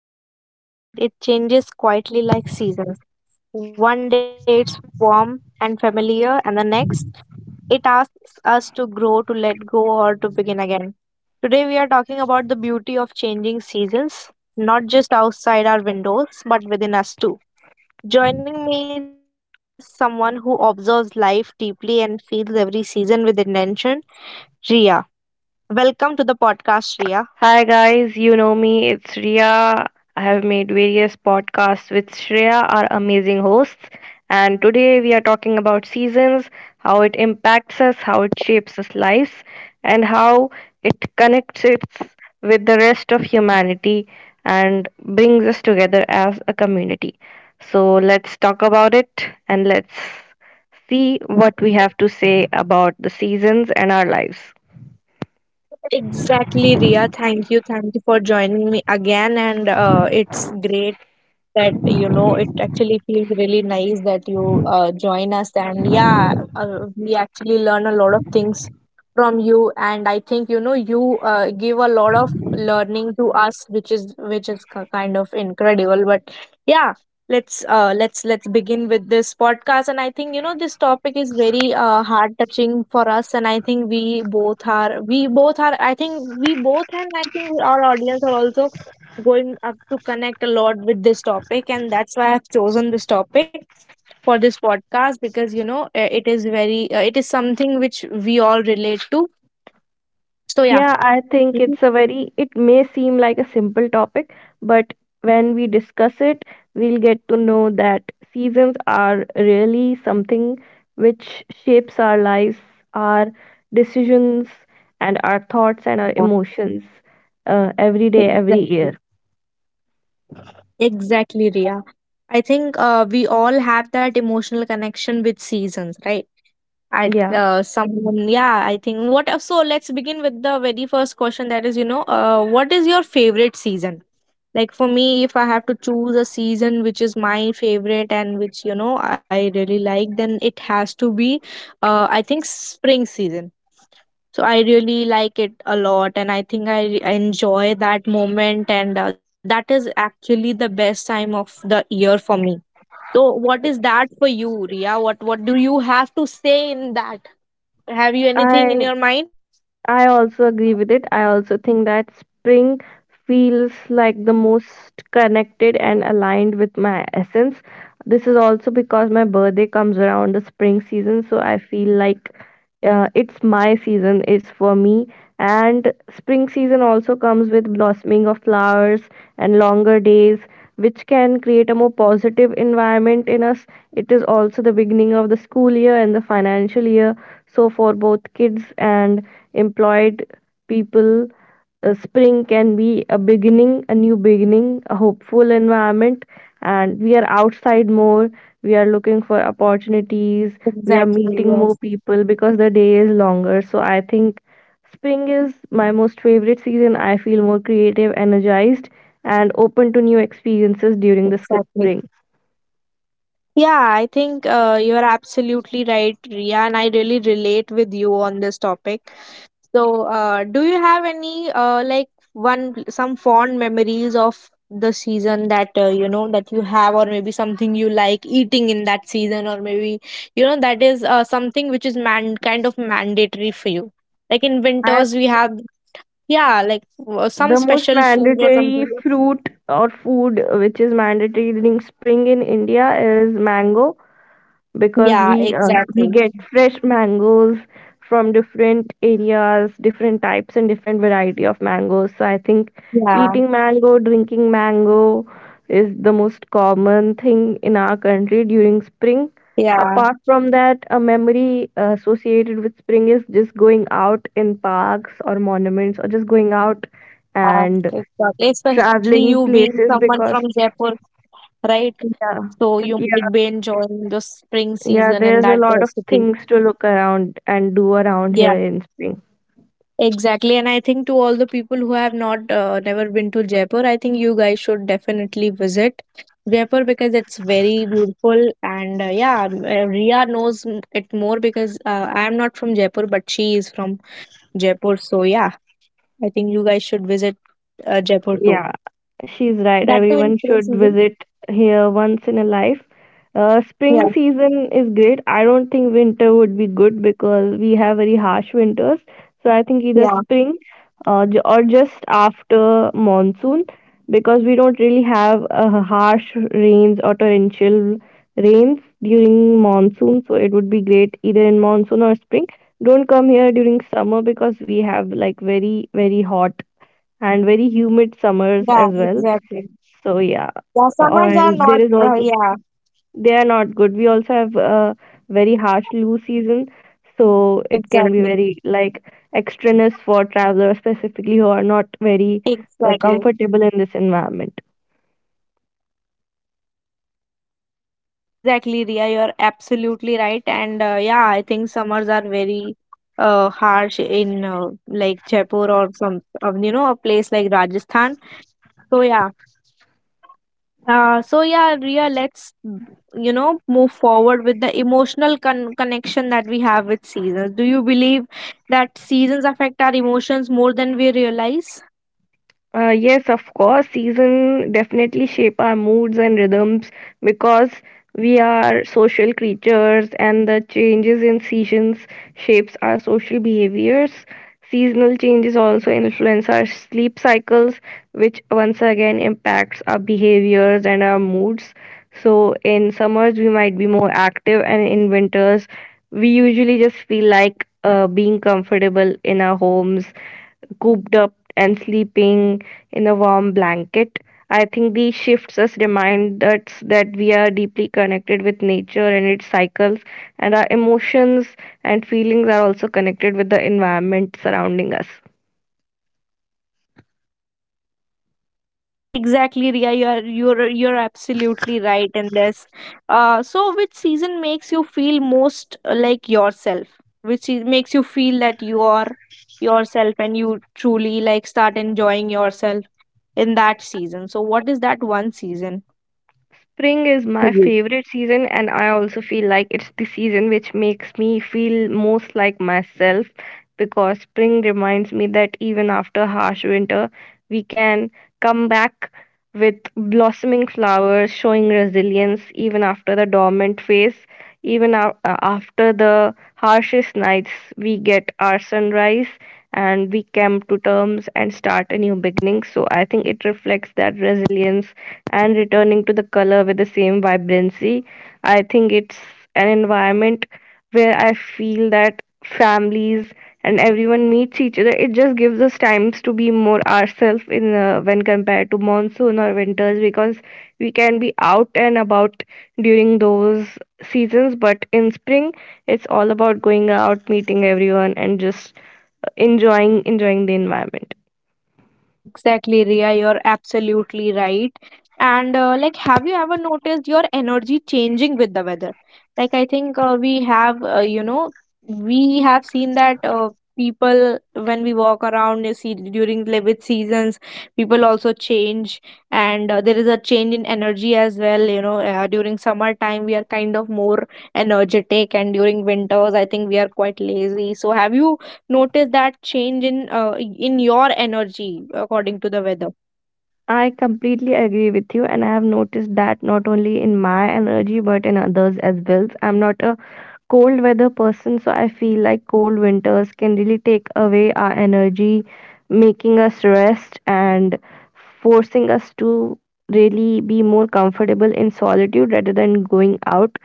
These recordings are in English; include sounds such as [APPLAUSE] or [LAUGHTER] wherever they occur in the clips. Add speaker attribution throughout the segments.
Speaker 1: Life doesn't change overnight, it changes quietly like seasons. One day it's warm and familiar, and the next it asks us to grow, to let go, or to begin again. Today we are talking about the beauty of changing seasons, not just outside our windows, but within us too. Joining me is someone who observes life deeply and feels every season with intention, Ria. Welcome to the podcast, Ria.
Speaker 2: Hi guys, you know me, it's Ria. I have made various podcasts with Shreya, our amazing hosts, and today we are talking about seasons, how it impacts us, how it shapes us lives, and how it connects us with the rest of humanity and brings us together as a community. So let's talk about it and let's see what we have to say about the seasons and our lives.
Speaker 1: Exactly, Ria. Thank you. Thank you for joining me again. And it's great that it actually feels really nice that you join us, and we actually learn a lot of things from you. And I think you give a lot of learning to us, which is kind of incredible. But yeah, let's begin with this podcast. And I think this topic is very heart touching for us. And I think we both are I think we both and I think our audience are also going up to connect a lot with this topic, and that's why I've chosen this topic for this podcast. Because it is very, it is something which we all relate to. So yeah.
Speaker 2: Yeah, I think
Speaker 1: Mhm.
Speaker 2: it's a very, it may seem like a simple topic, but when we discuss it, we'll get to know that seasons are really something which shapes our lives, our decisions, and our thoughts and our emotions every day, every
Speaker 1: exactly
Speaker 2: year.
Speaker 1: exactly, Ria. I think we all have that emotional connection with seasons, right? At
Speaker 2: Yeah,
Speaker 1: someone yeah I think what so let's begin with the very first question, that is, what is your favorite season? Like for me, if I have to choose a season which is my favorite and which I really like, then it has to be I think spring season. So I really like it a lot, and I enjoy that moment. And that is actually the best time of the year for me. So what is that for you, Ria? What do you have to say in that? Have you anything in your
Speaker 2: I
Speaker 1: mind?
Speaker 2: I also agree with it. I also think that spring feels like the most connected and aligned with my essence. This is also because my birthday comes around the spring season, so I feel like it's my season, it's for me. And spring season also comes with blossoming of flowers and longer days, which can create a more positive environment in us. It is also the beginning of the school year and the financial year. So, for both kids and employed people. Spring can be a beginning, a new beginning, a hopeful environment, and we are outside more. We are looking for opportunities. We are
Speaker 1: Exactly,
Speaker 2: meeting
Speaker 1: yes,
Speaker 2: more people because the day is longer. So I think spring is my most favorite season. I feel more creative, energized, and open to new experiences during the
Speaker 1: exactly.
Speaker 2: spring.
Speaker 1: Yeah, I think you are absolutely right, Ria, and I really relate with you on this topic. So, do you have any, like one, some fond memories of the season that that you have? Or maybe something you like eating in that season? Or maybe that is something which is man kind of mandatory for you. Like in
Speaker 2: I
Speaker 1: winters, we have, yeah, like some
Speaker 2: The most
Speaker 1: special food or
Speaker 2: mandatory
Speaker 1: something.
Speaker 2: fruit or food which is mandatory during spring in India is mango because
Speaker 1: Yeah,
Speaker 2: we uh,
Speaker 1: exactly.
Speaker 2: we get fresh mangoes from different areas, different types and different variety of mangoes. So I think
Speaker 1: Yeah,
Speaker 2: eating mango, drinking mango is the most common thing in our country during spring.
Speaker 1: yeah,
Speaker 2: Apart from that, a memory associated with spring is just going out in parks or monuments or just going out
Speaker 1: uh,
Speaker 2: and
Speaker 1: exactly. Especially you
Speaker 2: traveling
Speaker 1: being
Speaker 2: places
Speaker 1: someone from
Speaker 2: because
Speaker 1: Jaipur, right?
Speaker 2: yeah.
Speaker 1: So you might be enjoying the spring
Speaker 2: Yeah,
Speaker 1: season in
Speaker 2: there's a
Speaker 1: that
Speaker 2: lot of
Speaker 1: city.
Speaker 2: things to look around and do around
Speaker 1: Yeah,
Speaker 2: here in spring.
Speaker 1: exactly. And I think to all the people who have not never been to Jaipur, I think you guys should definitely visit Jaipur because it's very beautiful. And yeah, Ria knows it more because I am not from Jaipur, but she is from Jaipur. So yeah, I think you guys should visit Jaipur too.
Speaker 2: Yeah, she's right.
Speaker 1: That too in
Speaker 2: Everyone
Speaker 1: spring
Speaker 2: should
Speaker 1: season.
Speaker 2: visit here once in a life.
Speaker 1: Yeah,
Speaker 2: Spring season is great. I don't think winter would be good because we have very harsh winters. So I think either
Speaker 1: yeah,
Speaker 2: spring or just after monsoon because we don't really have harsh rains or torrential rains during monsoon. So it would be great either in monsoon or spring. Don't come here during summer because we have like very, very hot and very humid summers
Speaker 1: yeah,
Speaker 2: as well.
Speaker 1: exactly.
Speaker 2: So yeah,
Speaker 1: Yeah, summers are
Speaker 2: and
Speaker 1: not,
Speaker 2: there is also
Speaker 1: yeah,
Speaker 2: they are not good. We also have a very harsh loo season, so it can be
Speaker 1: exactly,
Speaker 2: very like extraneous for travelers specifically who are not very
Speaker 1: exactly,
Speaker 2: comfortable in this environment.
Speaker 1: exactly, Ria. You're absolutely right. And yeah, I think summers are very harsh in like Jaipur, or some, a place like Rajasthan. So yeah, Ria, let's move forward with the emotional connection that we have with seasons. Do you believe that seasons affect our emotions more than we realize?
Speaker 2: Yes, of course, season definitely shape our moods and rhythms because we are social creatures and the changes in seasons shapes our social behaviors. Seasonal changes also influence our sleep cycles, which once again impacts our behaviors and our moods. So in summers we might be more active and in winters we usually just feel like being comfortable in our homes cooped up and sleeping in a warm blanket. I think these shifts us remind us that we are deeply connected with nature and its cycles, and our emotions and feelings are also connected with the environment surrounding us.
Speaker 1: Exactly, Ria. You're absolutely right in this. So which season makes you feel most like yourself? Which makes you feel that you are yourself and you truly like start enjoying yourself in that season. So what is that one season
Speaker 2: Spring is
Speaker 1: for
Speaker 2: my
Speaker 1: you?
Speaker 2: favorite season, and I also feel like it's the season which makes me feel most like myself because spring reminds me that even after harsh winter, we can come back with blossoming flowers, showing resilience even after the dormant phase, after the harshest nights, we get our sunrise and we come to terms and start a new beginning. So I think it reflects that resilience and returning to the color with the same vibrancy. I think it's an environment where I feel that families and everyone meets each other. It just gives us times to be more ourselves in when compared to monsoon or winters because we can be out and about during those seasons. But in spring, it's all about going out, meeting everyone, and just enjoying the environment.
Speaker 1: Exactly, Ria, you're absolutely right. And like, have you ever noticed your energy changing with the weather? Like, I think we have seen that people, when we walk around, you see during like, with seasons, people also change. And there is a change in energy as well. During summertime, we are kind of more energetic, and during winters, I think we are quite lazy. So, have you notice that change in your energy according to the weather?
Speaker 2: I completely agree with you, and I have noticed that not only in my energy but in others as well. I'm not a cold weather person, so I feel like cold winters can really take away our energy, making us rest and forcing us to really be more comfortable in solitude rather than going out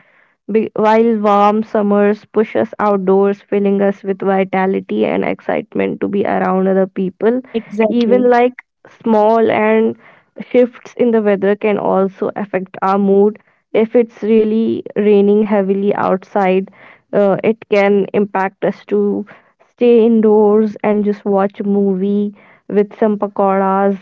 Speaker 2: while warm summers push us outdoors, filling us with vitality and excitement to be around other people, even
Speaker 1: Exactly.
Speaker 2: like small and shifts in the weather can also affect our mood. If it's really raining heavily outside, it can impact us to stay indoors and just watch a movie with some pakoras.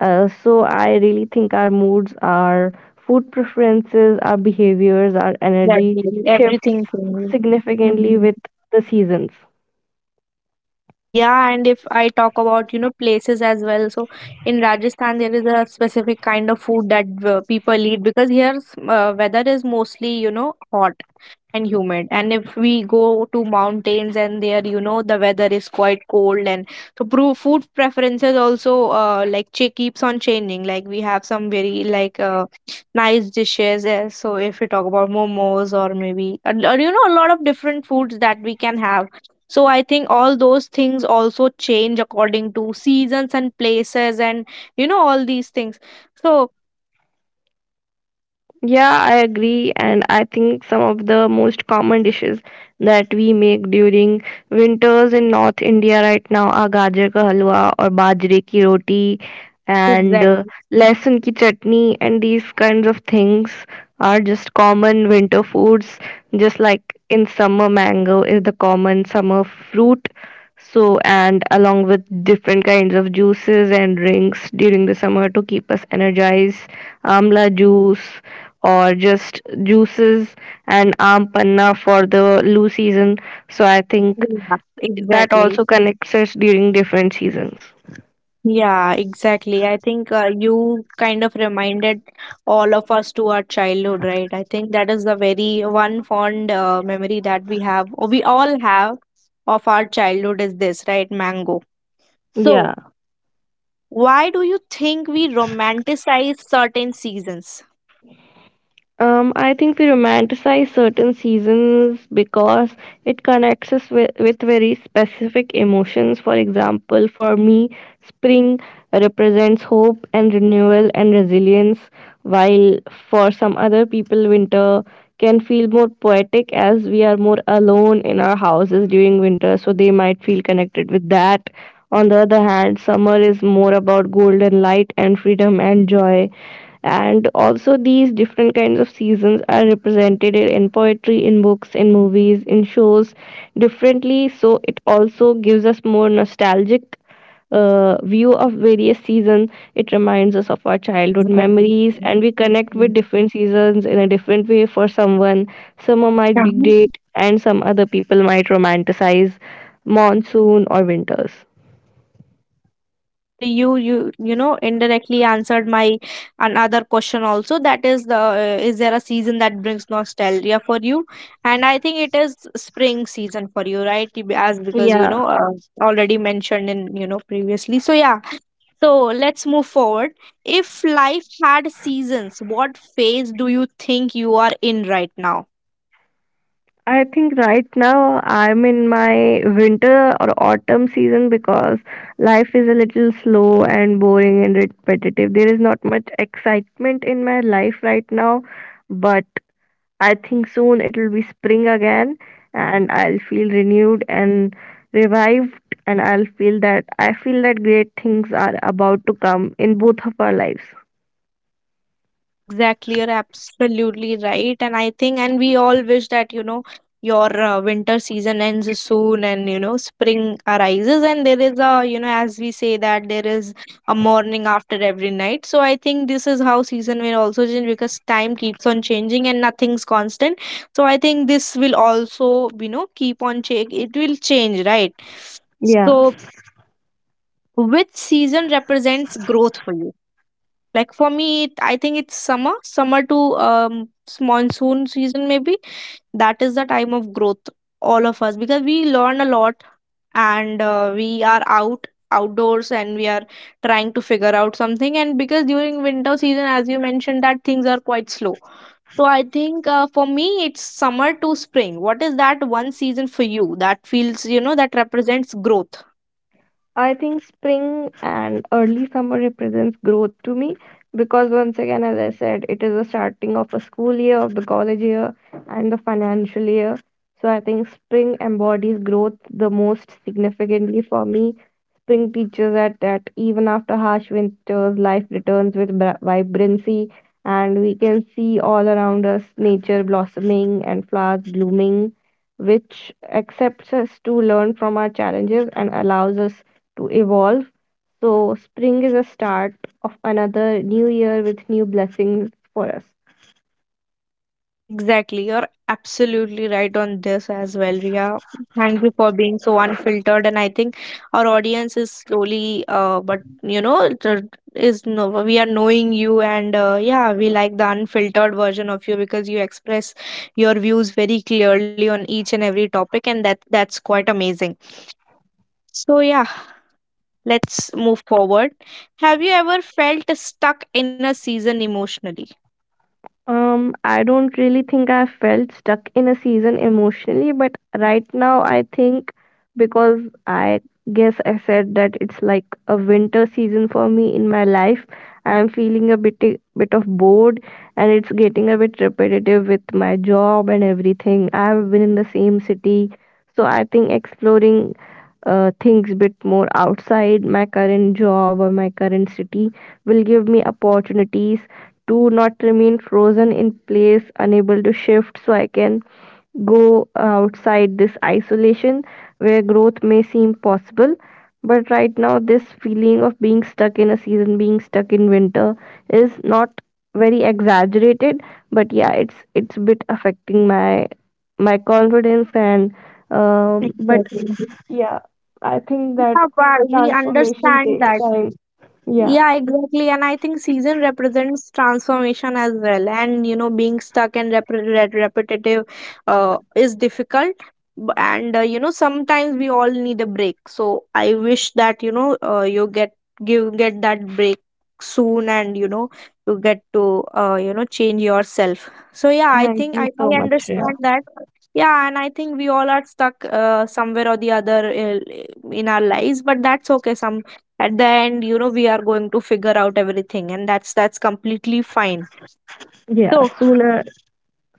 Speaker 2: So I really think our moods, our food preferences, our behaviors, our energy
Speaker 1: Exactly.
Speaker 2: shift
Speaker 1: Everything changes.
Speaker 2: significantly
Speaker 1: Hmm.
Speaker 2: with the seasons.
Speaker 1: Yeah, and if I talk about places as well, so in Rajasthan there is a specific kind of food that people eat, because here weather is mostly hot and humid. And if we go to mountains, and there the weather is quite cold. And so food preferences also like keeps on changing. Like we have some very like nice dishes, so if we talk about momos or or a lot of different foods that we can have. So I think all those things also change according to seasons and places and all these things. So
Speaker 2: Yeah, I agree, and I think some of the most common dishes that we make during winters in North India right now are gajar ka halwa or bajre ki roti and
Speaker 1: exactly.
Speaker 2: lesan ki chutney, and these kinds of things are just common winter foods, just like in summer, mango is the common summer fruit. So, and along with different kinds of juices and drinks during the summer to keep us energized, amla juice or just juices and aam panna for the Lu season. So I think
Speaker 1: Yeah,
Speaker 2: that
Speaker 1: exactly.
Speaker 2: also connects us during different seasons.
Speaker 1: Yeah, exactly. I think you kind of reminded all of us to our childhood, right? I think that is the very one fond memory that we have, or we all have, of our childhood is this, right? Mango. So,
Speaker 2: Yeah.
Speaker 1: why do you think we romanticize certain seasons?
Speaker 2: I think we romanticize certain seasons because it connects us with, very specific emotions. For example, for me, spring represents hope and renewal and resilience, while for some other people, winter can feel more poetic as we are more alone in our houses during winter, so they might feel connected with that. On the other hand, summer is more about golden light and freedom and joy, and also, these different kinds of seasons are represented in poetry, in books, in movies, in shows differently. So, it also gives us more nostalgic view of various seasons. It reminds us of our childhood
Speaker 1: Exactly.
Speaker 2: memories, and we connect with different seasons in a different way for someone. Summer might be great, and some other people might romanticize monsoon or winters.
Speaker 1: Exactly, and you know indirectly answered my another question also. That is the is there a season that brings nostalgia for you? And I think it is spring season for you, right? As because
Speaker 2: Yeah,
Speaker 1: already mentioned in previously. So yeah, so let's move forward. If life had seasons, what phase do you think you are in right now?
Speaker 2: I think right now I'm in my winter or autumn season because life is a little slow and boring and repetitive. There is not much excitement in my life right now, but I think soon it will be spring again and I'll feel renewed and revived and I feel that great things are about to come in both of our lives.
Speaker 1: Exactly, you're absolutely right. And I think, and we all wish that, your winter season ends soon and, spring arises. And there is a, as we say that there is a morning after every night. So I think this is how season will also change, because time keeps on changing and nothing's constant. So I think this will also, keep on change. It will change, right?
Speaker 2: Yeah.
Speaker 1: So which season represents growth for you? Like for me, it, I think it's summer, summer to monsoon season, maybe. That is the time of growth, all of us, because we learn a lot. And we are outdoors and we are trying to figure out something. And because during winter season, as you mentioned, that things are quite slow. So I think for me, it's summer to spring. What is that one season for you that feels, that represents growth?
Speaker 2: I think spring and early summer represents growth to me because once again, as I said, it is the starting of a school year, of the college year, and the financial year. So I think spring embodies growth the most significantly for me. Spring teaches us that even after harsh winters, life returns with vibrancy, and we can see all around us nature blossoming and flowers blooming, which accepts us to learn from our challenges and allows us to evolve. So, spring is a start of another new year with new blessings for us.
Speaker 1: Exactly. You're absolutely right on this as well, Ria. Thank you for being so unfiltered. And I think our audience is slowly, but you know, it, is no, we are knowing you. And yeah, we like the unfiltered version of you, because you express your views very clearly on each and every topic, and that's quite amazing. So yeah, let's move forward. Have you ever felt stuck in a season emotionally?
Speaker 2: I don't really think I felt stuck in a season emotionally, but right now I think because I guess I said that it's like a winter season for me in my life. I'm feeling a bit bit of bored and it's getting a bit repetitive with my job and everything. I have been in the same city, so I think exploring things a bit more outside my current job or my current city will give me opportunities do not remain frozen in place, unable to shift, so I can go outside this isolation where growth may seem possible. But right now, this feeling of being stuck in a season, being stuck in winter, is not very exaggerated. But yeah, it's a bit affecting my my confidence and but
Speaker 1: Exactly.
Speaker 2: yeah, I think that
Speaker 1: Yeah, but we
Speaker 2: transformation
Speaker 1: understand
Speaker 2: takes
Speaker 1: that.
Speaker 2: time. Yeah,
Speaker 1: Yeah, exactly. And I think season represents transformation as well. And, being stuck and repetitive is difficult. And, sometimes we all need a break. So I wish that, you get that break soon and, you get to, change yourself. So, yeah, I
Speaker 2: thank
Speaker 1: think
Speaker 2: you so
Speaker 1: I
Speaker 2: much, Shreya.
Speaker 1: understand that. Yeah, and I think we all are stuck somewhere or the other in our lives, but that's okay. Some, at the end, we are going to figure out everything, and that's completely fine.
Speaker 2: Yeah,
Speaker 1: So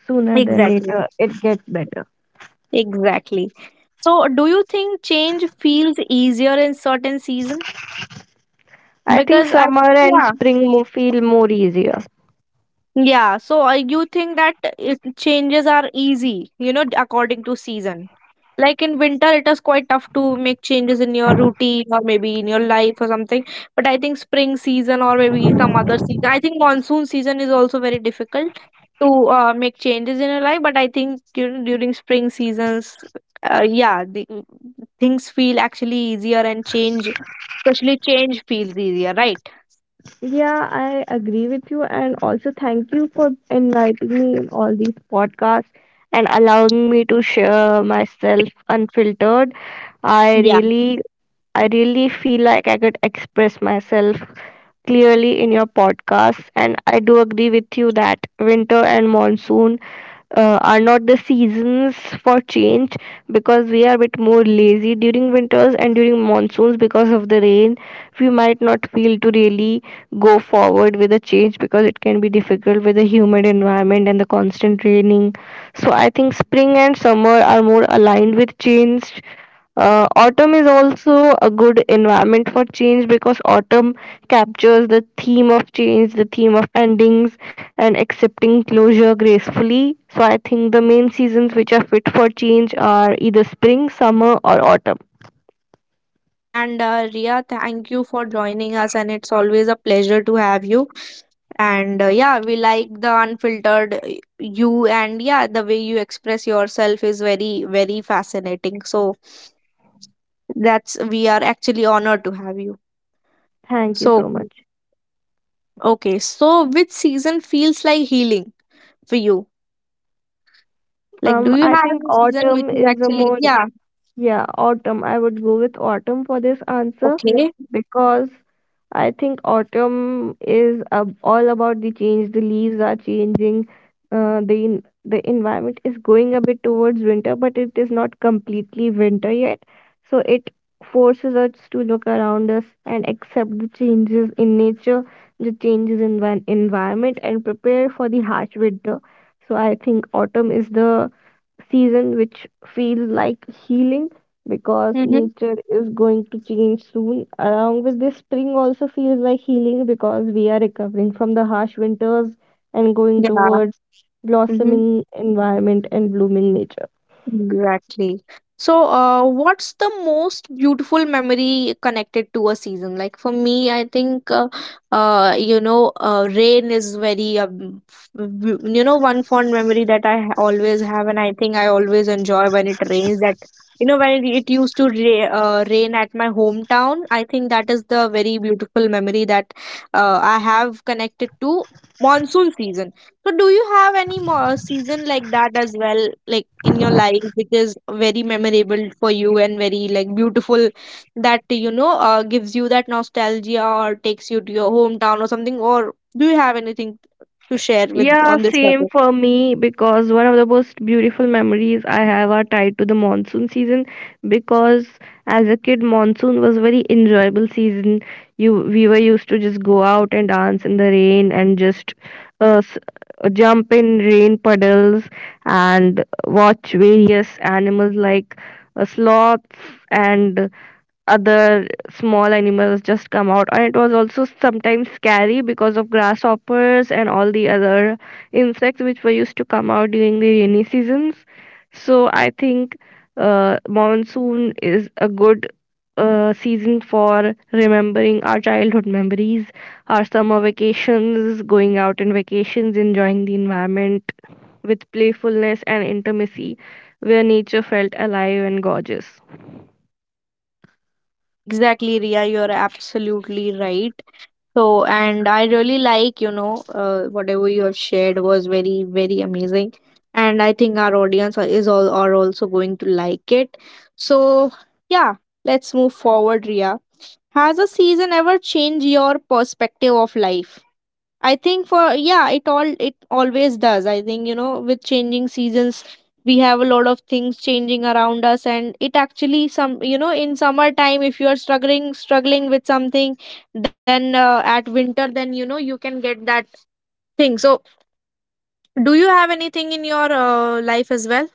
Speaker 2: sooner than
Speaker 1: exactly,
Speaker 2: later [LAUGHS] it gets better.
Speaker 1: exactly. So do you think change feels easier in certain season?
Speaker 2: I think
Speaker 1: Because I
Speaker 2: summer and
Speaker 1: Yeah.
Speaker 2: spring feel more easier.
Speaker 1: Yeah, so you think that it, changes are easy, according to season. Like in winter, it is quite tough to make changes in your routine or maybe in your life or something. But I think spring season or maybe some other season, I think monsoon season is also very difficult to make changes in your life. But I think during spring seasons, yeah, the, things feel actually easier. And change, especially change, feels easier, right?
Speaker 2: Yeah, I agree with you, and also thank you for inviting me in all these podcasts. And allowing me to share myself unfiltered. i really I really feel like I could express myself clearly in your podcast, and I do agree with you that winter and monsoon are not the seasons for change, because we are a bit more lazy during winters, and during monsoons because of the rain we might not feel to really go forward with a change because it can be difficult with the humid environment and the constant raining. So I think spring and summer are more aligned with change. Autumn is also a good environment for change because autumn captures the theme of change, the theme of endings, and accepting closure gracefully. So, I think the main seasons which are fit for change are either spring, summer, or autumn.
Speaker 1: Yeah, and Ria, thank you for joining us, and it's always a pleasure to have you. And yeah, we like the unfiltered you, and yeah, the way you express yourself is very, very fascinating. So that's, we are actually honored to have you.
Speaker 2: Thank you
Speaker 1: So,
Speaker 2: so much.
Speaker 1: okay, so which season feels like healing for you? Like, do you
Speaker 2: I
Speaker 1: have
Speaker 2: think
Speaker 1: any season which
Speaker 2: autumn
Speaker 1: is
Speaker 2: is a
Speaker 1: actually, yeah,
Speaker 2: yeah, autumn. I would go with autumn for this answer.
Speaker 1: okay,
Speaker 2: Because I think autumn is all about the change. The leaves are changing. The environment is going a bit towards winter, but it is not completely winter yet. So it forces us to look around us and accept the changes in nature, the changes in environment, and prepare for the harsh winter. So I think autumn is the season which feels like healing because
Speaker 1: mm-hmm,
Speaker 2: nature is going to change soon. Along with this, spring also feels like healing because we are recovering from the harsh winters and going
Speaker 1: yeah,
Speaker 2: towards
Speaker 1: mm-hmm.
Speaker 2: blossoming environment and blooming nature.
Speaker 1: Exactly. So, what's the most beautiful memory connected to a season? Like for me, I think, rain is very, one fond memory that always have, and I think I always enjoy when it rains. When it used to rain at my hometown, I think that is the very beautiful memory that I have connected to monsoon season. So, do you have any more season like that as well, like in your life, which is very memorable for you and very like beautiful, that gives you that nostalgia or takes you to your hometown or something? Or do you have anything to share with
Speaker 2: Yeah,
Speaker 1: on this
Speaker 2: same
Speaker 1: topic?
Speaker 2: for me, because one of the most beautiful memories I have are tied to the monsoon season, because as a kid monsoon was very enjoyable season. You We were used to just go out and dance in the rain and just uh, s- jump in rain puddles and watch various animals like sloths and other small animals just come out. And it was also sometimes scary because of grasshoppers and all the other insects which were used to come out during the rainy seasons. So I think monsoon is a good season for remembering our childhood memories, our summer vacations, going out in vacations, enjoying the environment with playfulness and intimacy, where nature felt alive and gorgeous.
Speaker 1: Exactly, Ria, you're absolutely right. So, and I really like, whatever you have shared was very, very amazing. And I think our is all are also going to like it. So, yeah, let's move forward, Ria. Has a season ever changed your perspective of life? I think for yeah, it always does. I think you know with changing seasons, we have a lot of things changing around us, and it actually some you know in summertime if you are struggling with something, then at winter then you know you can get that thing. So do you have anything in your life as well?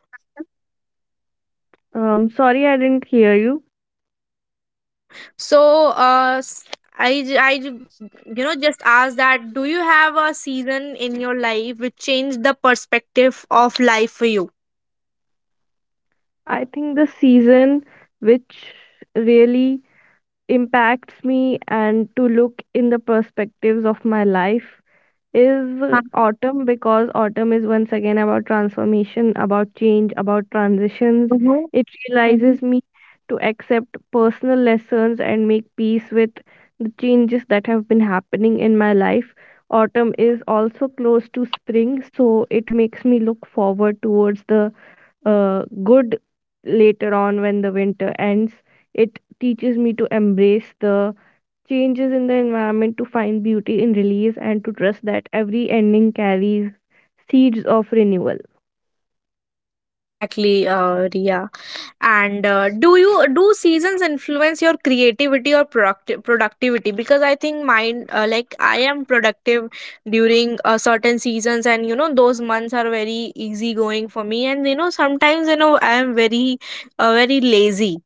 Speaker 2: Sorry, I didn't hear you.
Speaker 1: Okay, so I j- I j- you know just ask that, do you have a season in your life which changed the perspective of life for you?
Speaker 2: I think the season which really impacts me and to look in the perspectives of my life is
Speaker 1: Huh?
Speaker 2: autumn, because autumn is once again about transformation, about change, about transitions. It realizes
Speaker 1: Mhm.
Speaker 2: me to accept personal lessons and make peace with the changes that have been happening in my life. Autumn is also close to spring, so it makes me look forward towards the good later on when the winter ends. It teaches me to embrace the changes in the environment, to find beauty in release, and to trust that every ending carries seeds of renewal.
Speaker 1: Exactly, Ria. And do seasons influence your creativity or productivity? Because I think mine, like I am productive during certain seasons, and you know those months are very easy going for me. And you know sometimes you know I am very, very lazy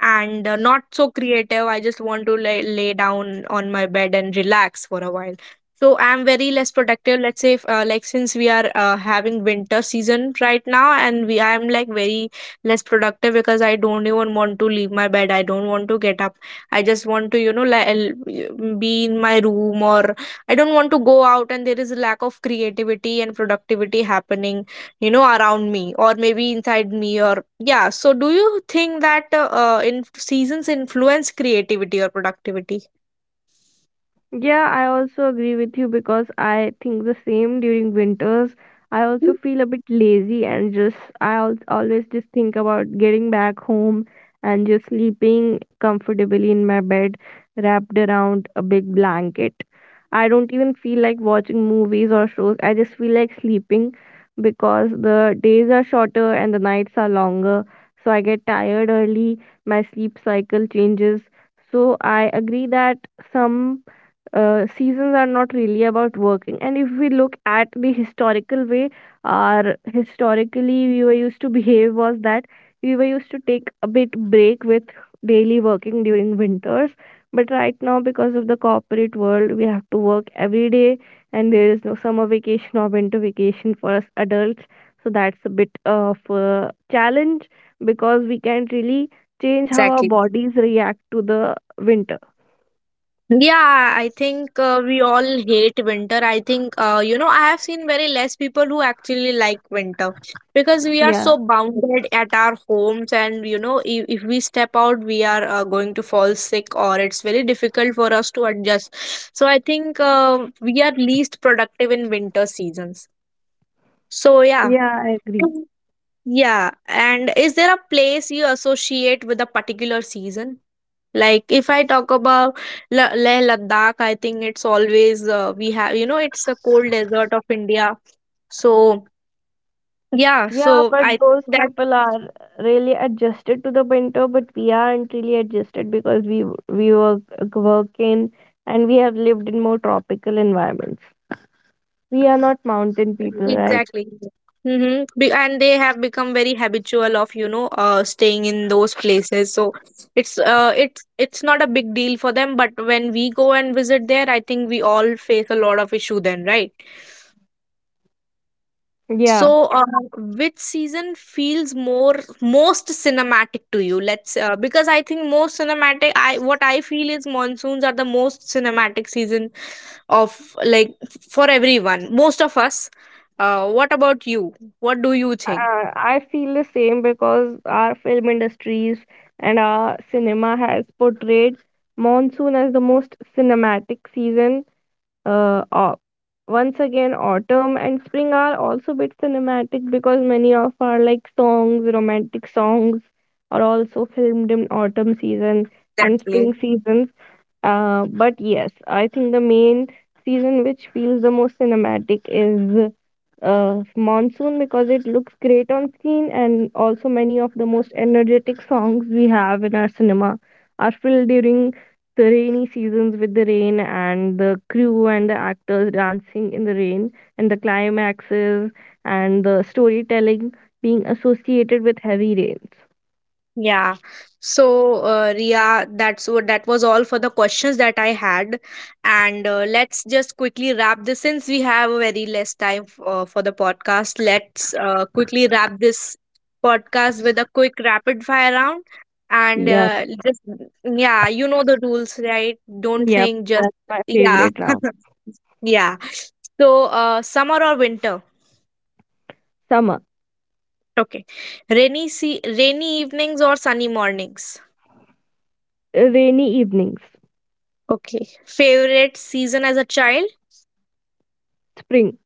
Speaker 1: and not so creative. I just want to lay down on my bed and relax for a while. So I'm very less productive, let's say if, like since we are having winter season right now and we I'm like very less productive because I don't even want to leave my bed, I don't want to get up. I just want to be in my room, or I don't want to go out, and there is a lack of creativity and productivity happening you know around me or maybe inside me. Or yeah, so do you think that in seasons influence creativity or productivity?
Speaker 2: Yeah, I also agree with you, because I think the same during winters. I also feel a bit lazy and just always just think about getting back home and just sleeping comfortably in my bed wrapped around a big blanket. I don't even feel like watching movies or shows. I just feel like sleeping because the days are shorter and the nights are longer. So I get tired early, my sleep cycle changes. So I agree that some seasons are not really about working. And if we look at the historical way, our historically we were used to behave was that we were used to take a bit break with daily working during winters. But right now, because of the corporate world, we have to work every day, and there is no summer vacation or winter vacation for us adults. So that's a bit of a challenge because we can't really change how our
Speaker 1: Exactly.
Speaker 2: bodies react to the winter.
Speaker 1: Yeah, I think we all hate winter. I think you know I have seen very less people who actually like winter because we are
Speaker 2: Yeah,
Speaker 1: so bounded at our homes, and you know if we step out we are going to fall sick or it's very difficult for us to adjust. So I think we are least productive in winter seasons, so yeah.
Speaker 2: yeah, I agree.
Speaker 1: Is- Yeah. And is there a place you associate with a particular season? Like if I talk about Leh Ladakh, I think it's always, we have, you know, it's a cold desert of India. So, yeah.
Speaker 2: Yeah,
Speaker 1: So
Speaker 2: but
Speaker 1: I
Speaker 2: those
Speaker 1: think that,
Speaker 2: people are really adjusted to the winter, but we aren't really adjusted because we work work in and we have lived in more tropical environments. We are not
Speaker 1: yeah,
Speaker 2: mountain people, right?
Speaker 1: exactly. Mm-hmm. And they have become very habitual of, you know, staying in those places. So it's not a big deal for them. But when we go and visit there, I think we all face a lot of issue then, right?
Speaker 2: Yeah,
Speaker 1: So, which season feels more most cinematic to you? Let's Because I think most cinematic, I what I feel is monsoons are the most cinematic season of like for everyone, most of us. What about you? What do you think?
Speaker 2: I feel the same because our film industries and our cinema has portrayed monsoon as the most cinematic season. Uh, au- Once again, autumn and spring are also a bit cinematic because many of our like songs, romantic songs, are also filmed in autumn season and spring
Speaker 1: Exactly?
Speaker 2: seasons. But yes, I think the main season which feels the most cinematic is monsoon, because it looks great on screen, and also many of the most energetic songs we have in our cinema are filled during the rainy seasons with the rain and the crew and the actors dancing in the rain, and the climaxes and the storytelling being associated with heavy rains.
Speaker 1: Yeah. So, Ria, that's what that was all for the questions that I had, and let's just quickly wrap this since we have a very less time for the podcast. Let's Quickly wrap this podcast with a quick rapid fire round, and
Speaker 2: Yep.
Speaker 1: just yeah, you know the rules, right? Don't
Speaker 2: Yep,
Speaker 1: think, just
Speaker 2: that's my
Speaker 1: yeah,
Speaker 2: favorite round.
Speaker 1: [LAUGHS] yeah. So, summer or winter?
Speaker 2: Summer.
Speaker 1: Okay, rainy evenings or sunny mornings?
Speaker 2: Rainy evenings.
Speaker 1: Okay. Favorite season as a child?
Speaker 2: Spring.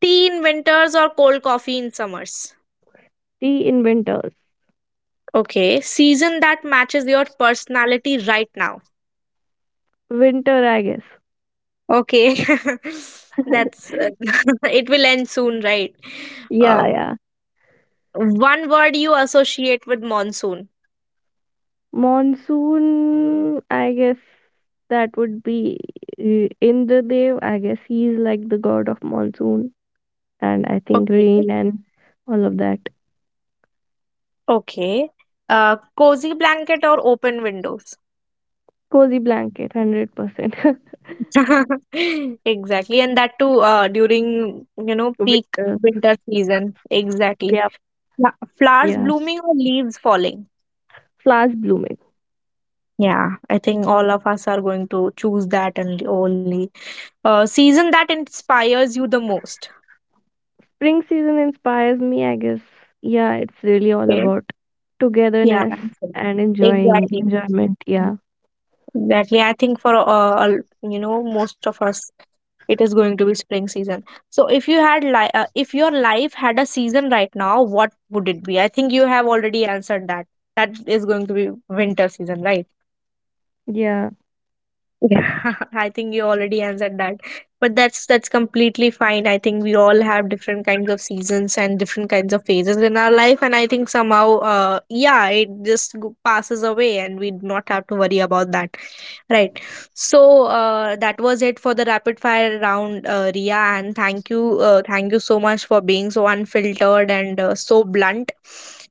Speaker 1: Tea in winters or cold coffee in summers?
Speaker 2: Tea in winters.
Speaker 1: Okay. Season that matches your personality right now.
Speaker 2: Winter, I guess.
Speaker 1: Okay. [LAUGHS] That's [LAUGHS] it will end soon, right?
Speaker 2: Yeah,
Speaker 1: Um
Speaker 2: yeah.
Speaker 1: One word you associate with monsoon.
Speaker 2: Monsoon, I guess that would be Indradev. I guess he's like the god of monsoon and I think
Speaker 1: Okay.
Speaker 2: rain and all of that.
Speaker 1: Okay. Cozy blanket or open windows?
Speaker 2: Cozy blanket, 100%.
Speaker 1: [LAUGHS] Exactly, and that too during you know
Speaker 2: [LAUGHS]
Speaker 1: peak
Speaker 2: Winter.
Speaker 1: winter season, exactly.
Speaker 2: Yep,
Speaker 1: Yeah, flowers
Speaker 2: yeah.
Speaker 1: blooming or leaves falling?
Speaker 2: Flowers blooming.
Speaker 1: Yeah, I think all of us are going to choose that. And only season that inspires you the most?
Speaker 2: Spring season inspires me, I guess. Yeah, it's really all
Speaker 1: Okay.
Speaker 2: about
Speaker 1: Yeah,
Speaker 2: togetherness and enjoying
Speaker 1: exactly,
Speaker 2: enjoyment. Yeah.
Speaker 1: exactly. I think for you know most of us, it is going to be spring season. So if you had if your life had a season right now, what would it be? I think you have already answered that. That is going to be winter season, right?
Speaker 2: Yeah.
Speaker 1: Yeah, [LAUGHS] I think you already answered that. But that's completely fine. I think we all have different kinds of seasons and different kinds of phases in our life, and I think somehow, yeah, it just passes away, and we do not have to worry about that, right? So, that was it for the rapid fire round, Ria, and thank you so much for being so unfiltered and so blunt,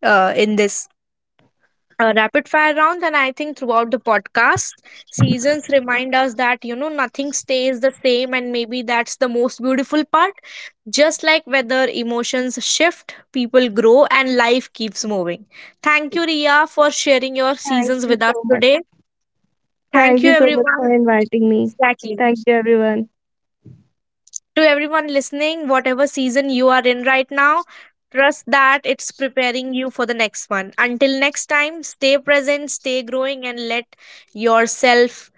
Speaker 1: in this rapid fire rounds. And I think throughout the podcast, seasons remind us that you know nothing stays the same, and maybe that's the most beautiful part. Just like weather, emotions shift, people grow, and life keeps moving. Thank you, Ria, for sharing your
Speaker 2: Thank
Speaker 1: seasons
Speaker 2: you
Speaker 1: with us
Speaker 2: so much.
Speaker 1: today. Thank
Speaker 2: Thank
Speaker 1: you,
Speaker 2: you so much for
Speaker 1: everyone.
Speaker 2: inviting me.
Speaker 1: Exactly.
Speaker 2: Thank you, everyone.
Speaker 1: To everyone listening, whatever season you are in right now, trust that it's preparing you for the next one. Until next time, stay present, stay growing, and yourself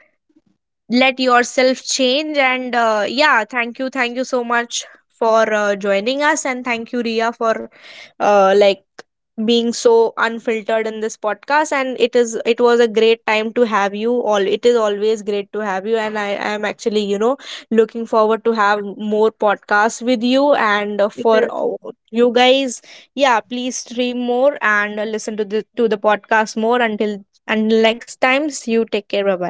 Speaker 1: let yourself change. And yeah, thank you, thank you so much for joining us, and thank you, Ria, for uh, like being so unfiltered in this podcast. And it was a great time to have you all. It is always great to have you, and I am actually you know looking forward to have more podcasts with you. And
Speaker 2: It
Speaker 1: for
Speaker 2: was
Speaker 1: you guys, yeah, please stream more, and listen to the podcast more. Until next time, see you, take care, bye bye.